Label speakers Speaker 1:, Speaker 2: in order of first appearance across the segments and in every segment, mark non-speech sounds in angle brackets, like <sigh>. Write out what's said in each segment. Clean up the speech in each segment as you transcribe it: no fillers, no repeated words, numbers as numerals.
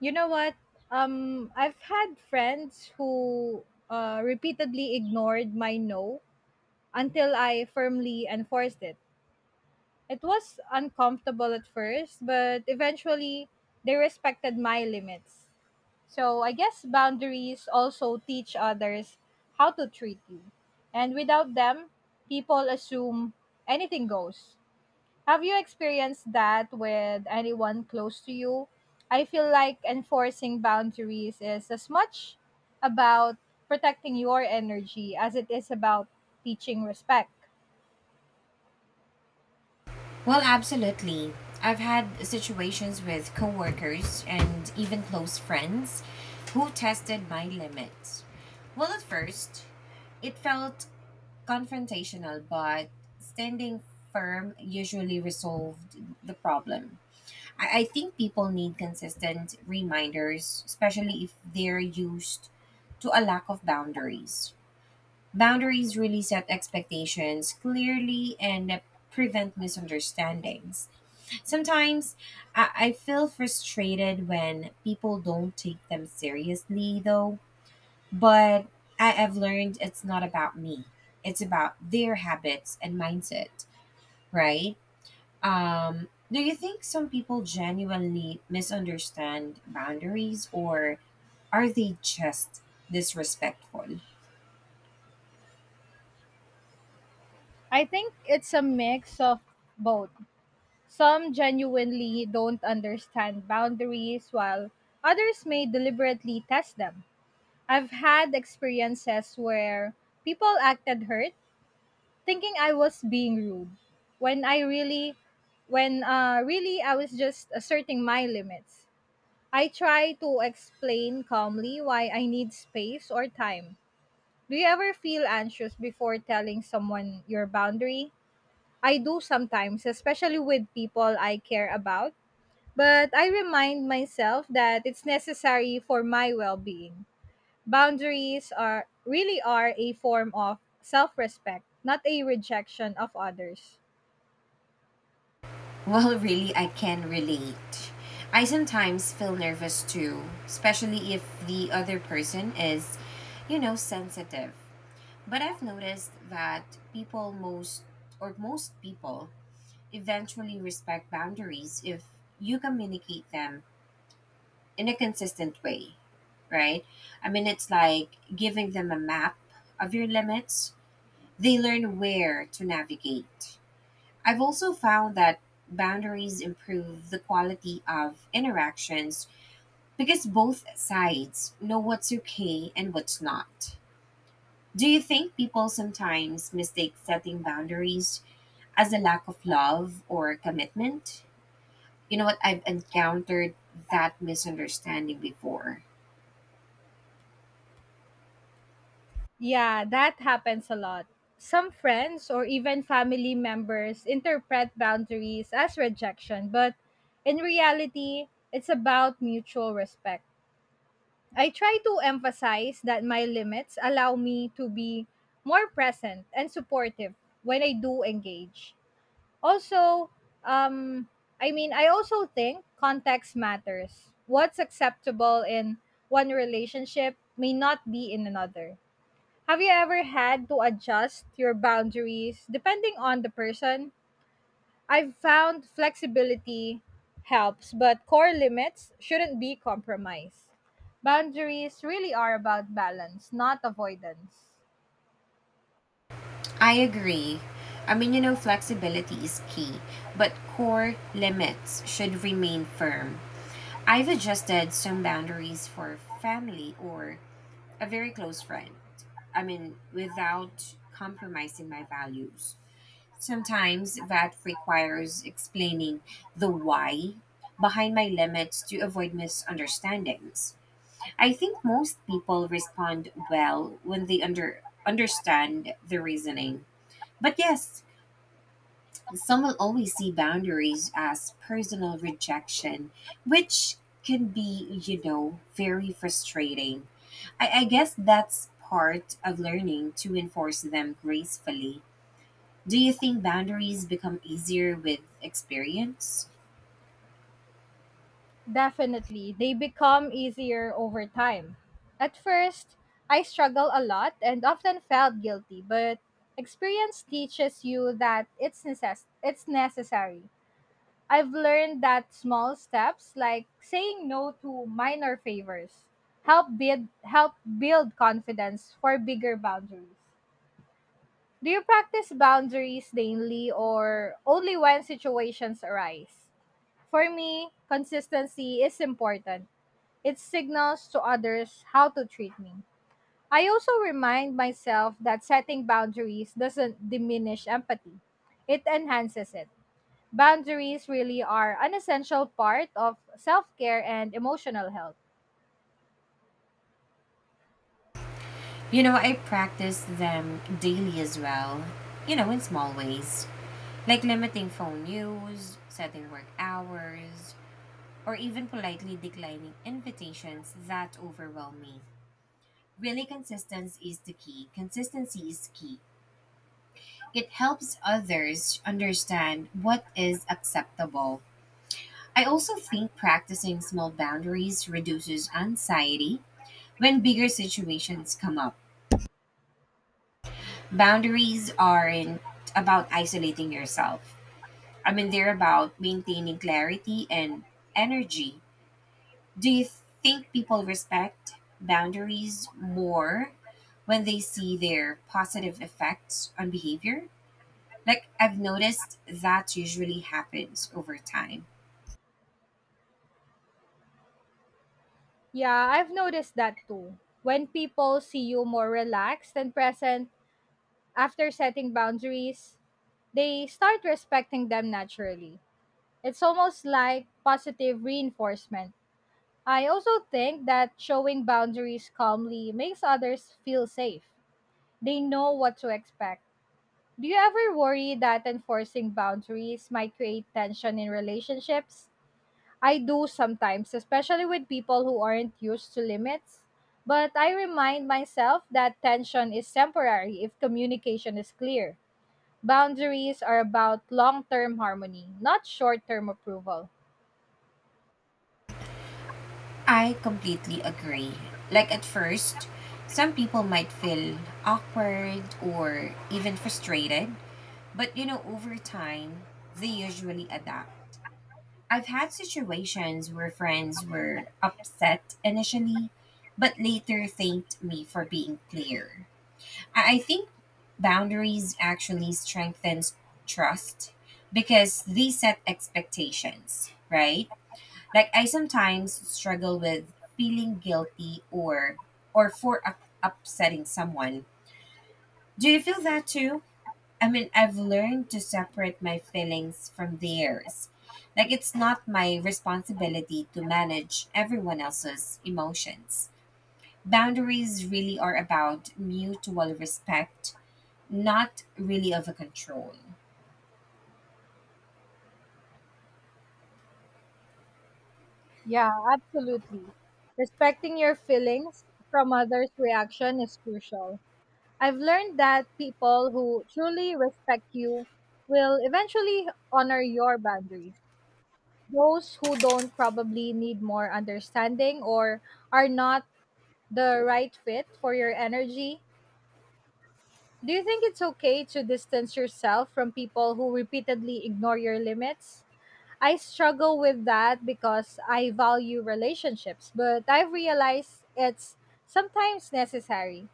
Speaker 1: You know what? I've had friends who repeatedly ignored my no until I firmly enforced it. It was uncomfortable at first, but eventually they respected my limits. So I guess boundaries also teach others how to treat you. And without them, people assume anything goes. Have you experienced that with anyone close to you? I feel like enforcing boundaries is as much about protecting your energy as it is about teaching respect.
Speaker 2: Well, absolutely. I've had situations with coworkers and even close friends who tested my limits. Well, at first, it felt confrontational, but standing firm usually resolved the problem. I think people need consistent reminders, especially if they're used to a lack of boundaries. Boundaries really set expectations clearly and prevent misunderstandings. Sometimes I feel frustrated when people don't take them seriously, though. But I have learned it's not about me, it's about their habits and mindset, right? Do you think some people genuinely misunderstand boundaries, or are they just disrespectful?
Speaker 1: I think it's a mix of both. Some genuinely don't understand boundaries, while others may deliberately test them. I've had experiences where people acted hurt thinking I was being rude when I really when really I was just asserting my limits. I try to explain calmly why I need space or time. Do you ever feel anxious before telling someone your boundary? I do sometimes, especially with people I care about, but I remind myself that it's necessary for my well-being. Boundaries are really are a form of self-respect, not a rejection of others.
Speaker 2: Well, really, I can relate. I sometimes feel nervous too, especially if the other person is, you know, sensitive. But I've noticed that or most people, eventually respect boundaries if you communicate them in a consistent way, right? I mean, it's like giving them a map of your limits, they learn where to navigate. I've also found that boundaries improve the quality of interactions because both sides know what's okay and what's not. Do you think people sometimes mistake setting boundaries as a lack of love or commitment? You know what? I've encountered that misunderstanding before.
Speaker 1: Yeah, that happens a lot. Some friends or even family members interpret boundaries as rejection, but in reality, it's about mutual respect. I try to emphasize that my limits allow me to be more present and supportive when I do engage. Also, um, I also think context matters. What's acceptable in one relationship may not be in another. Have you ever had to adjust your boundaries depending on the person? I've found flexibility helps, but core limits shouldn't be compromised. Boundaries really are about balance, not avoidance.
Speaker 2: I agree. I mean, you know, flexibility is key, but core limits should remain firm. I've adjusted some boundaries for family or a very close friend. I mean, without compromising my values. Sometimes that requires explaining the why behind my limits to avoid misunderstandings. I think most people respond well when they understand the reasoning, but yes, some will always see boundaries as personal rejection, which can be, you know, very frustrating. I guess that's part of learning to enforce them gracefully. Do you think boundaries become easier with experience?
Speaker 1: Definitely, they become easier over time. At first, I struggled a lot and often felt guilty, but experience teaches you that it's necessary. I've learned that small steps like saying no to minor favors help build confidence for bigger boundaries. Do you practice boundaries daily or only when situations arise? For me, consistency is important. It signals to others how to treat me. I also remind myself that setting boundaries doesn't diminish empathy. It enhances it. Boundaries really are an essential part of self care and emotional health.
Speaker 2: You know, I practice them daily as well, you know, in small ways, like limiting phone use, setting work hours, or even politely declining invitations that overwhelm me. Really, consistency is the key. Consistency is key. It helps others understand what is acceptable. I also think practicing small boundaries reduces anxiety when bigger situations come up. Boundaries aren't about isolating yourself. I mean, they're about maintaining clarity and energy. Do you think people respect boundaries more when they see their positive effects on behavior? Like, I've noticed that usually happens over time.
Speaker 1: Yeah, I've noticed that too. When people see you more relaxed and present after setting boundaries, they start respecting them naturally. It's almost like positive reinforcement. I also think that showing boundaries calmly makes others feel safe. They know what to expect. Do you ever worry that enforcing boundaries might create tension in relationships? I do sometimes, especially with people who aren't used to limits. But I remind myself that tension is temporary if communication is clear. Boundaries are about long term harmony, not short term approval.
Speaker 2: I completely agree. Like, at first, some people might feel awkward or even frustrated, but you know, over time, they usually adapt. I've had situations where friends were upset initially, but later thanked me for being clear. I think boundaries actually strengthens trust because they set expectations, right? Like I sometimes struggle with feeling guilty or for upsetting someone. Do you feel that too? I mean, I've learned to separate my feelings from theirs. Like, it's not my responsibility to manage everyone else's emotions. Boundaries really are about mutual respect, not really over control.
Speaker 1: Yeah, absolutely. Respecting your feelings from others' reaction is crucial. I've learned that people who truly respect you will eventually honor your boundaries. Those who don't probably need more understanding or are not the right fit for your energy. Do you think it's okay to distance yourself from people who repeatedly ignore your limits? I struggle with that because I value relationships, but I've realized it's sometimes necessary.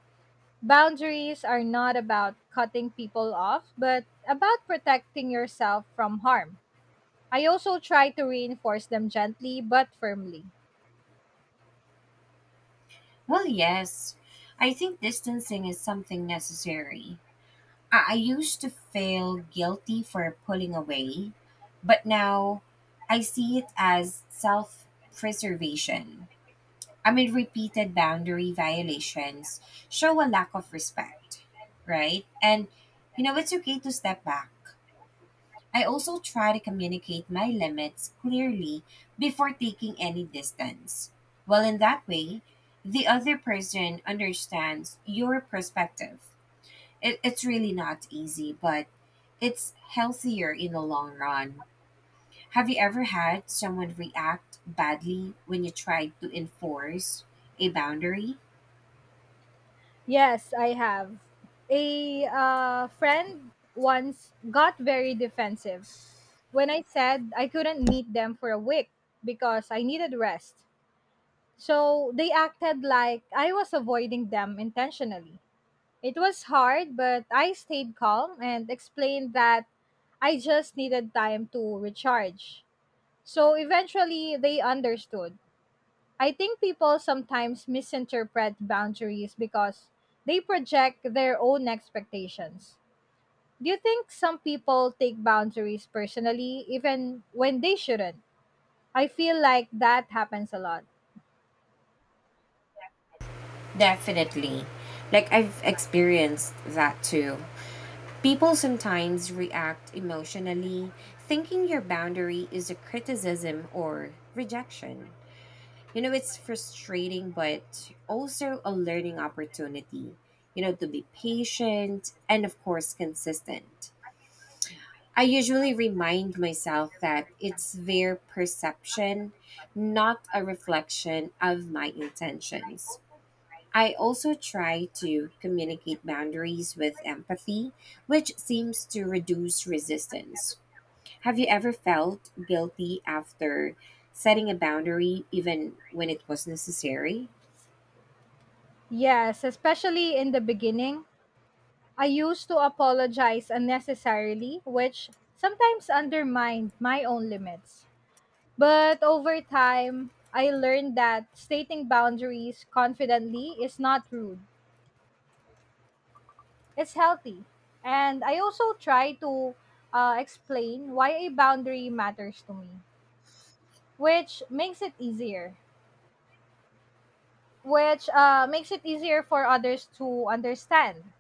Speaker 1: Boundaries are not about cutting people off, but about protecting yourself from harm. I also try to reinforce them gently but firmly.
Speaker 2: Well, yes, I think distancing is something necessary. I used to feel guilty for pulling away, but now I see it as self preservation. I mean, repeated boundary violations show a lack of respect, right? And, you know, it's okay to step back. I also try to communicate my limits clearly before taking any distance. Well, in that way, the other person understands your perspective. It's really not easy, but it's healthier in the long run. Have you ever had someone react badly when you tried to enforce a boundary?
Speaker 1: Yes, I have. A friend once got very defensive when I said I couldn't meet them for a week because I needed rest. So they acted like I was avoiding them intentionally. It was hard, but I stayed calm and explained that I just needed time to recharge. So eventually, they understood. I think people sometimes misinterpret boundaries because they project their own expectations. Do you think some people take boundaries personally even when they shouldn't? I feel like that happens a lot.
Speaker 2: Definitely. Like, I've experienced that too. People sometimes react emotionally, thinking your boundary is a criticism or rejection. You know, it's frustrating, but also a learning opportunity, you know, to be patient and, of course, consistent. I usually remind myself that it's their perception, not a reflection of my intentions. I also try to communicate boundaries with empathy, which seems to reduce resistance. Have you ever felt guilty after setting a boundary, even when it was necessary?
Speaker 1: Yes, especially in the beginning. I used to apologize unnecessarily, which sometimes undermined my own limits. But over time, I learned that stating boundaries confidently is not rude. It's healthy. And I also try to explain why a boundary matters to me, which makes it easier, which uh, makes it easier for others to understand.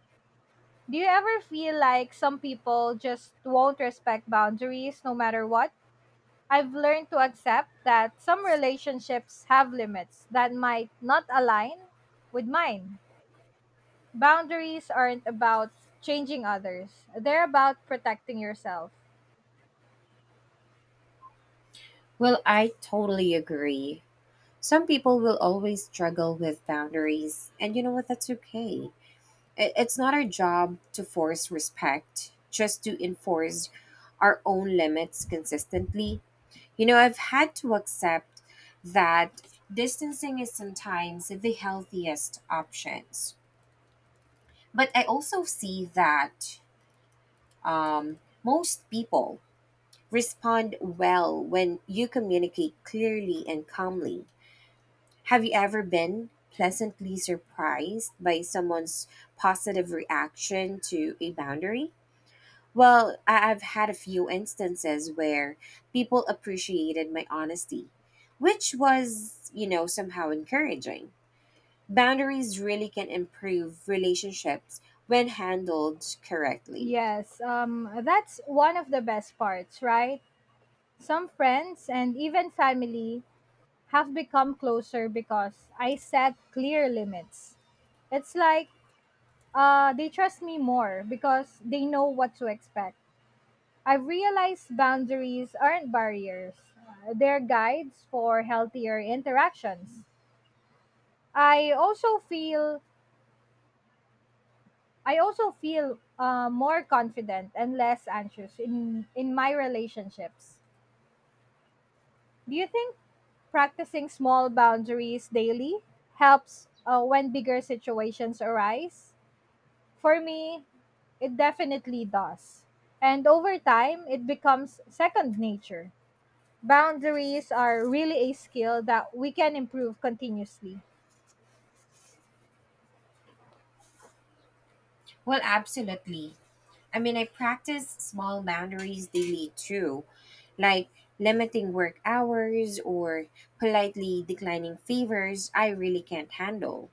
Speaker 1: Do you ever feel like some people just won't respect boundaries no matter what? I've learned to accept that some relationships have limits that might not align with mine. Boundaries aren't about changing others, they're about protecting yourself.
Speaker 2: Well, I totally agree. Some people will always struggle with boundaries, and you know what? That's okay. It's not our job to force respect, just to enforce our own limits consistently. You know, I've had to accept that distancing is sometimes the healthiest options. But I also see that most people respond well when you communicate clearly and calmly. Have you ever been pleasantly surprised by someone's positive reaction to a boundary? Well, I've had a few instances where people appreciated my honesty, which was, you know, somehow encouraging. Boundaries really can improve relationships when handled correctly.
Speaker 1: Yes, that's one of the best parts, right? Some friends and even family have become closer because I set clear limits. It's like they trust me more because they know what to expect. I've realized boundaries aren't barriers, they're guides for healthier interactions. I also feel I also feel more confident and less anxious in my relationships. Do you think practicing small boundaries daily helps when bigger situations arise? For me, it definitely does. And over time, it becomes second nature. Boundaries are really a skill that we can improve continuously.
Speaker 2: Well, absolutely. I mean, I practice small boundaries daily too, like limiting work hours or politely declining favors I really can't handle.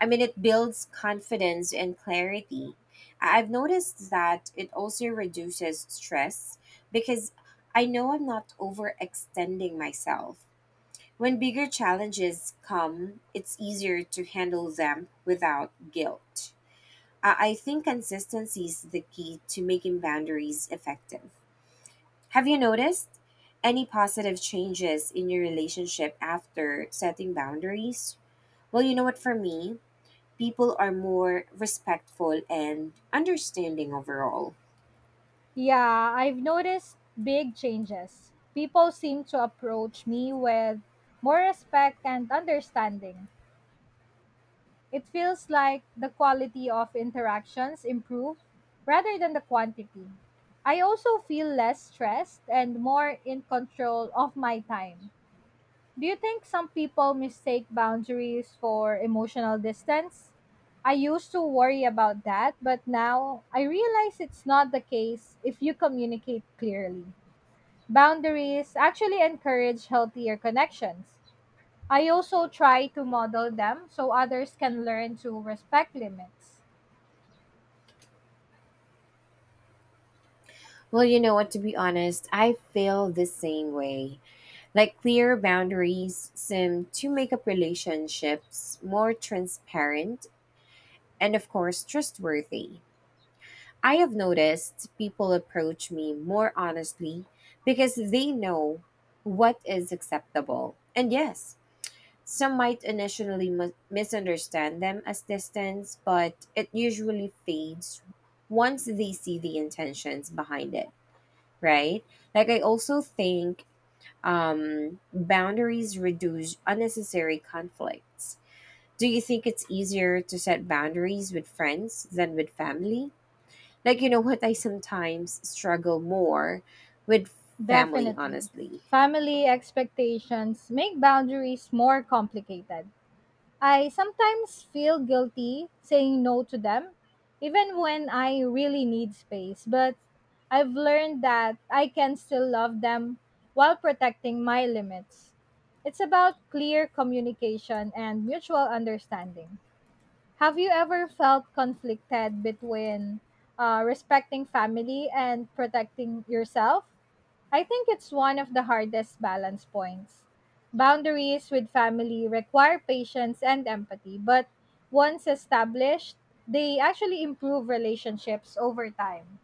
Speaker 2: I mean, it builds confidence and clarity. I've noticed that it also reduces stress because I know I'm not overextending myself. When bigger challenges come, it's easier to handle them without guilt. I think consistency is the key to making boundaries effective. Have you noticed any positive changes in your relationship after setting boundaries? Well, you know what, for me, people are more respectful and understanding overall.
Speaker 1: Yeah, I've noticed big changes. People seem to approach me with more respect and understanding. It feels like the quality of interactions improve rather than the quantity. I also feel less stressed and more in control of my time. Do you think some people mistake boundaries for emotional distance? I used to worry about that, but now I realize it's not the case if you communicate clearly. Boundaries actually encourage healthier connections. I also try to model them so others can learn to respect limits.
Speaker 2: Well, you know what, to be honest, I feel the same way. Like clear boundaries seem to make up relationships more transparent and, of course, trustworthy. I have noticed people approach me more honestly because they know what is acceptable. And yes, some might initially misunderstand them as distance, but it usually fades once they see the intentions behind it, right? Like, I also think boundaries reduce unnecessary conflicts. Do you think it's easier to set boundaries with friends than with family? Like, you know what? I sometimes struggle more with family,
Speaker 1: Definitely.
Speaker 2: honestly.
Speaker 1: Family expectations make boundaries more complicated. I sometimes feel guilty saying no to them, even when I really need space, but I've learned that I can still love them while protecting my limits. It's about clear communication and mutual understanding. Have you ever felt conflicted between respecting family and protecting yourself? I think it's one of the hardest balance points. Boundaries with family require patience and empathy, but once established, they actually improve relationships over time.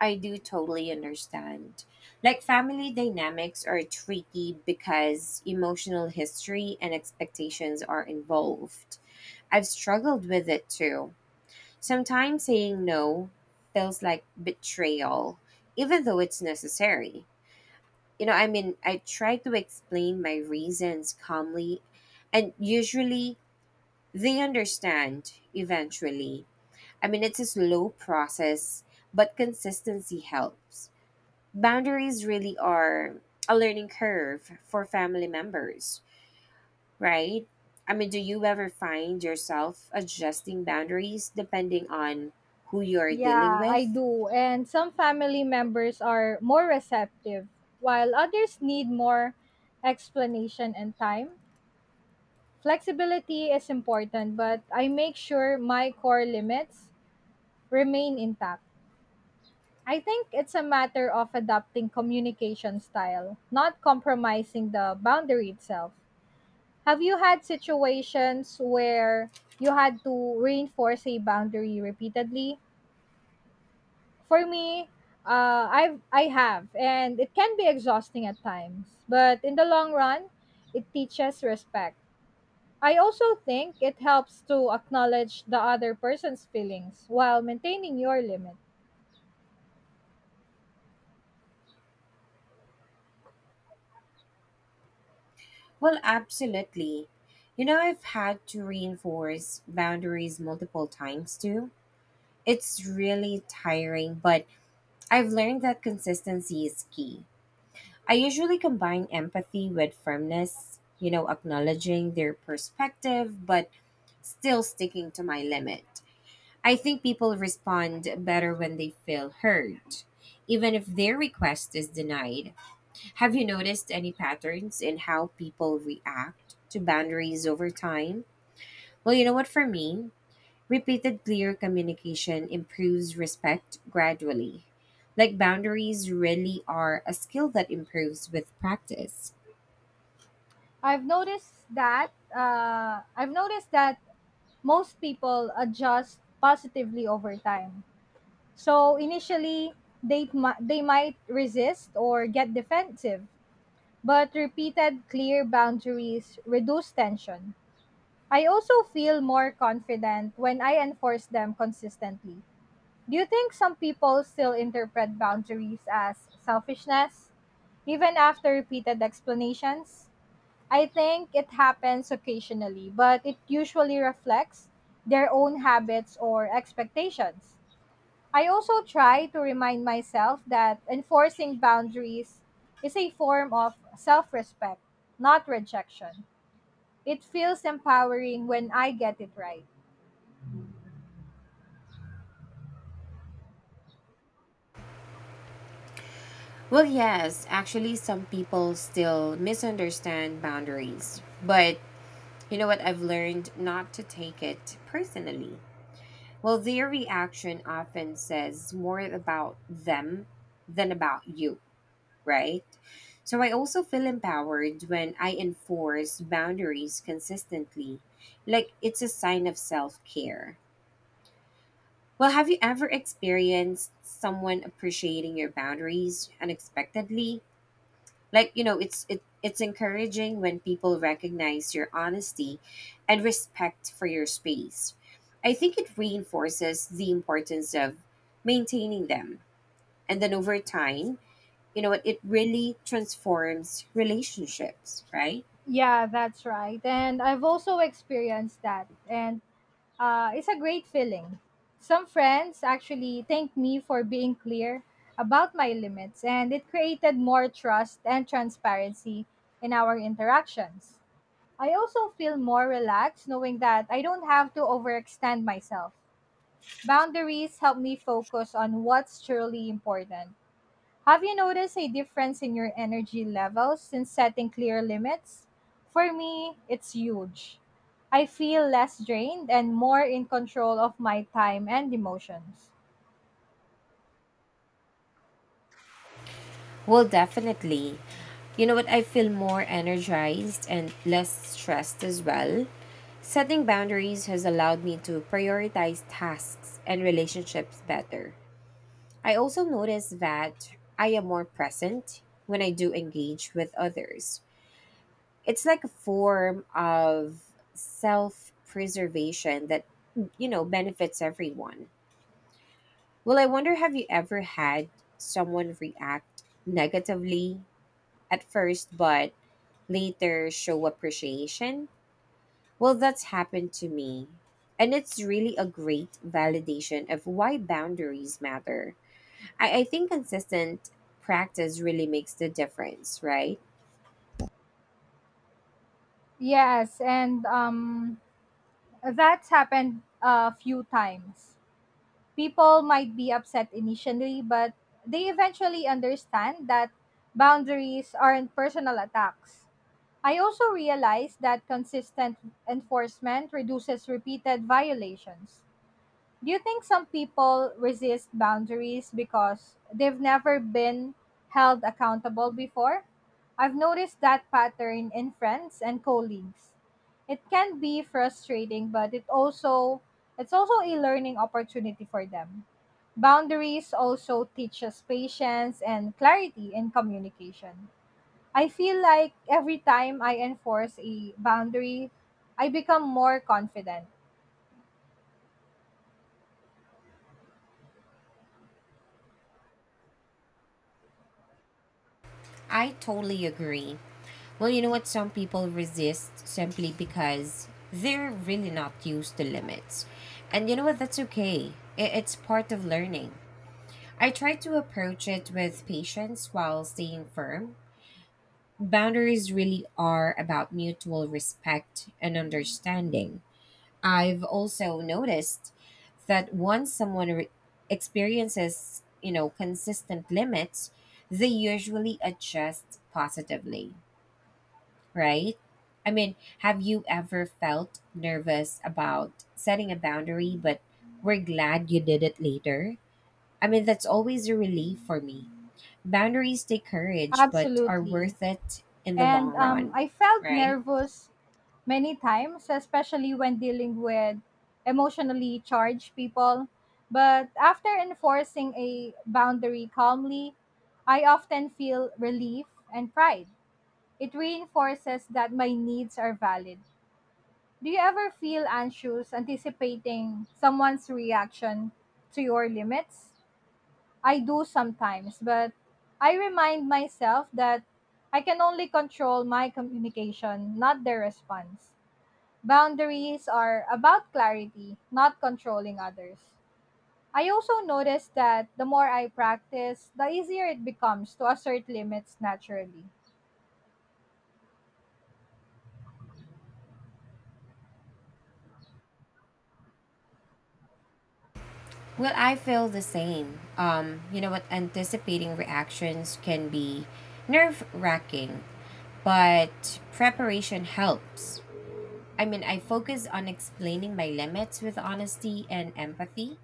Speaker 2: I do totally understand. Like family dynamics are tricky because emotional history and expectations are involved. I've struggled with it too. Sometimes saying no feels like betrayal, even though it's necessary. You know, I mean, I try to explain my reasons calmly, and usually they understand eventually. I mean, it's a slow process, but consistency helps. Boundaries really are a learning curve for family members, right? I mean, do you ever find yourself adjusting boundaries depending on who you are dealing
Speaker 1: Yeah, I
Speaker 2: with?
Speaker 1: do. And some family members are more receptive, while others need more explanation and time. Flexibility is important, but I make sure my core limits remain intact. I think it's a matter of adapting communication style, not compromising the boundary itself. Have you had situations where you had to reinforce a boundary repeatedly? For me, I have, and it can be exhausting at times. But in the long run, it teaches respect. I also think it helps to acknowledge the other person's feelings while maintaining your limit.
Speaker 2: Well, absolutely. You know, I've had to reinforce boundaries multiple times too. It's really tiring, but I've learned that consistency is key. I usually combine empathy with firmness, you know, acknowledging their perspective, but still sticking to my limit. I think people respond better when they feel heard, even if their request is denied. Have you noticed any patterns in how people react to boundaries over time? Well, you know what, for me, repeated clear communication improves respect gradually. Like boundaries really are a skill that improves with practice.
Speaker 1: I've noticed that most people adjust positively over time. So initially, they might resist or get defensive, but repeated clear boundaries reduce tension. I also feel more confident when I enforce them consistently. Do you think some people still interpret boundaries as selfishness, even after repeated explanations? I think it happens occasionally, but it usually reflects their own habits or expectations. I also try to remind myself that enforcing boundaries is a form of self respect, not rejection. It feels empowering when I get it right.
Speaker 2: Well, yes, actually, some people still misunderstand boundaries, but you know what? I've learned not to take it personally. Well, their reaction often says more about them than about you, right? So I also feel empowered when I enforce boundaries consistently. Like it's a sign of self care. Well, have you ever experienced someone appreciating your boundaries unexpectedly? Like, you know, it's encouraging when people recognize your honesty and respect for your space. I think it reinforces the importance of maintaining them, and then over time, you know what, it really transforms relationships, right?
Speaker 1: Yeah, that's right. And I've also experienced that. And it's a great feeling. Some friends actually thanked me for being clear about my limits, and it created more trust and transparency in our interactions. I also feel more relaxed knowing that I don't have to overextend myself. Boundaries help me focus on what's truly important. Have you noticed a difference in your energy levels since setting clear limits? For me, it's huge. I feel less drained and more in control of my time and emotions.
Speaker 2: Well, definitely. You know what, I feel more energized and less stressed as well. Setting boundaries has allowed me to prioritize tasks and relationships better. I also notice that I am more present when I do engage with others. It's like a form of self preservation that, you know, benefits everyone. Well, I wonder, have you ever had someone react negatively at first, but later show appreciation? Well, that's happened to me. And it's really a great validation of why boundaries matter. I think consistent practice really makes the difference, right?
Speaker 1: Yes, and that's happened a few times. People might be upset initially, but they eventually understand that boundaries aren't personal attacks. I also realized that consistent enforcement reduces repeated violations. Do you think some people resist boundaries because they've never been held accountable before? I've noticed that pattern in friends and colleagues. It can be frustrating, but it's also a learning opportunity for them. Boundaries also teach us patience and clarity in communication. I feel like every time I enforce a boundary, I become more confident.
Speaker 2: I totally agree. Well, you know what? Some people resist simply because they're really not used to limits. And you know what? That's okay. It's part of learning. I try to approach it with patience while staying firm. Boundaries really are about mutual respect and understanding. I've also noticed that once someone experiences, you know, consistent limits, they usually adjust positively, right? I mean, have you ever felt nervous about setting a boundary, but we're glad you did it later? I mean, that's always a relief for me. Boundaries take courage, but are
Speaker 1: Absolutely.
Speaker 2: worth it in the long
Speaker 1: And
Speaker 2: run,
Speaker 1: I felt
Speaker 2: right?
Speaker 1: nervous many times, especially when dealing with emotionally charged people. But after enforcing a boundary calmly, I often feel relief and pride. It reinforces that my needs are valid. Do you ever feel anxious anticipating someone's reaction to your limits? I do sometimes, but I remind myself that I can only control my communication, not their response. Boundaries are about clarity, not controlling others. I also notice that the more I practice, the easier it becomes to assert limits naturally.
Speaker 2: Well, I feel the same. You know what? Anticipating reactions can be nerve wracking, but preparation helps. I mean, I focus on explaining my limits with honesty and empathy,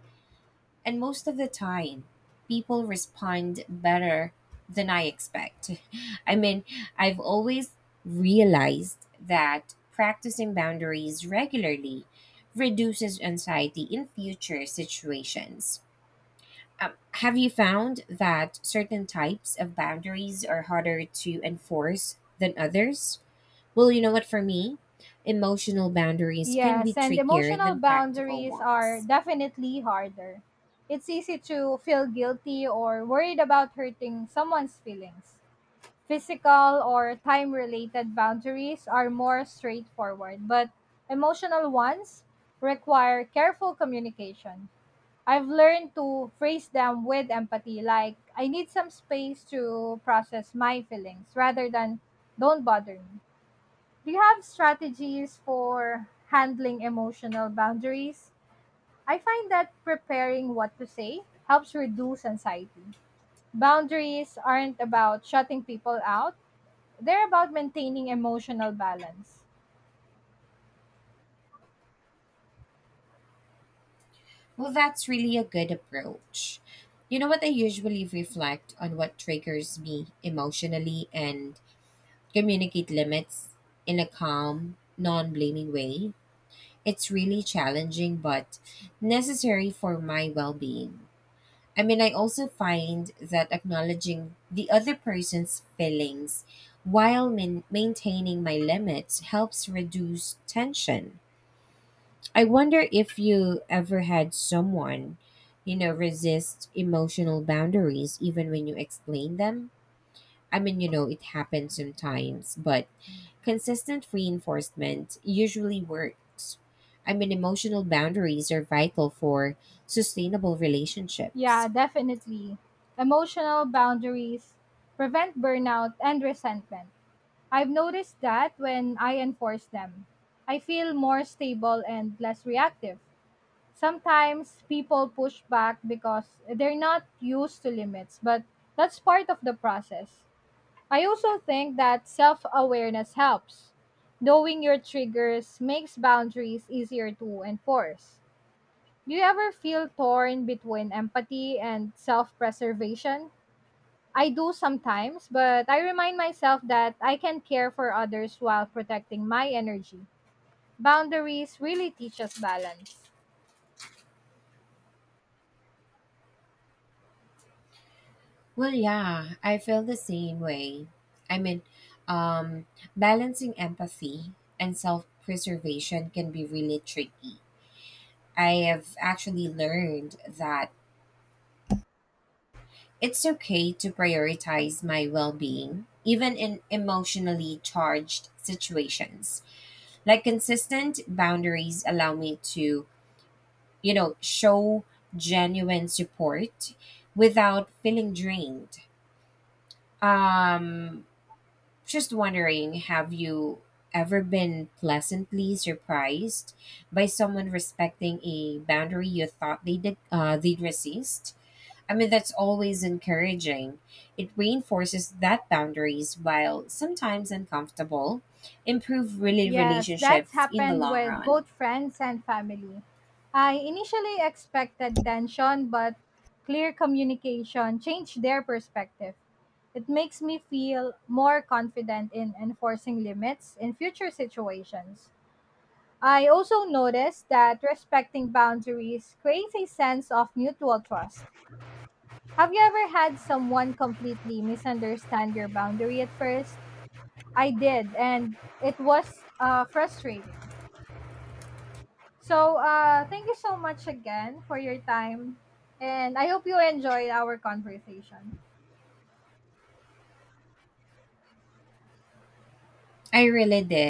Speaker 2: and most of the time, people respond better than I expect. <laughs> I mean, I've always realized that practicing boundaries regularly reduces anxiety in future situations. Have you found that certain types of boundaries are harder to enforce than others? Well, you know what, for me, emotional boundaries can be
Speaker 1: Yes, and
Speaker 2: trickier
Speaker 1: emotional
Speaker 2: than practical
Speaker 1: boundaries are
Speaker 2: ones.
Speaker 1: definitely harder. It's easy to feel guilty or worried about hurting someone's feelings. Physical or time related boundaries are more straightforward, but emotional ones require careful communication. I've learned to phrase them with empathy, like, "I need some space to process my feelings," rather than, "Don't bother me." Do you have strategies for handling emotional boundaries? I find that preparing what to say helps reduce anxiety. Boundaries aren't about shutting people out, they're about maintaining emotional balance.
Speaker 2: Well, that's really a good approach. You know what, I usually reflect on what triggers me emotionally and communicate limits in a calm, non blaming way. It's really challenging, but necessary for my well being. I mean, I also find that acknowledging the other person's feelings while maintaining my limits helps reduce tension. I wonder if you ever had someone, you know, resist emotional boundaries even when you explain them. I mean, you know, it happens sometimes, but consistent reinforcement usually works. I mean, emotional boundaries are vital for sustainable
Speaker 1: Yeah,
Speaker 2: relationships.
Speaker 1: definitely. Emotional boundaries prevent burnout and resentment. I've noticed that when I enforce them, I feel more stable and less reactive. Sometimes people push back because they're not used to limits, but that's part of the process. I also think that self awareness helps. Knowing your triggers makes boundaries easier to enforce. Do you ever feel torn between empathy and self preservation? I do sometimes, but I remind myself that I can care for others while protecting my energy. Boundaries really teach us balance.
Speaker 2: Well, yeah, I feel the same way. I mean, um, balancing empathy and self preservation can be really tricky. I have actually learned that it's okay to prioritize my well being, even in emotionally charged situations. Like, consistent boundaries allow me to, you know, show genuine support without feeling drained. Um, Just wondering, have you ever been pleasantly surprised by someone respecting a boundary you thought they'd resist? I mean, that's always encouraging. It reinforces that boundaries, while sometimes uncomfortable, improve really
Speaker 1: Yes, that's
Speaker 2: relationships in the
Speaker 1: happened
Speaker 2: long
Speaker 1: with
Speaker 2: run.
Speaker 1: both friends and family. I initially expected tension, but clear communication changed their perspective. It makes me feel more confident in enforcing limits in future situations. I also noticed that respecting boundaries creates a sense of mutual trust. Have you ever had someone completely misunderstand your boundary at first? I did, and it was frustrating. So, thank you so much again for your time, and I hope you enjoyed our conversation.
Speaker 2: I really did.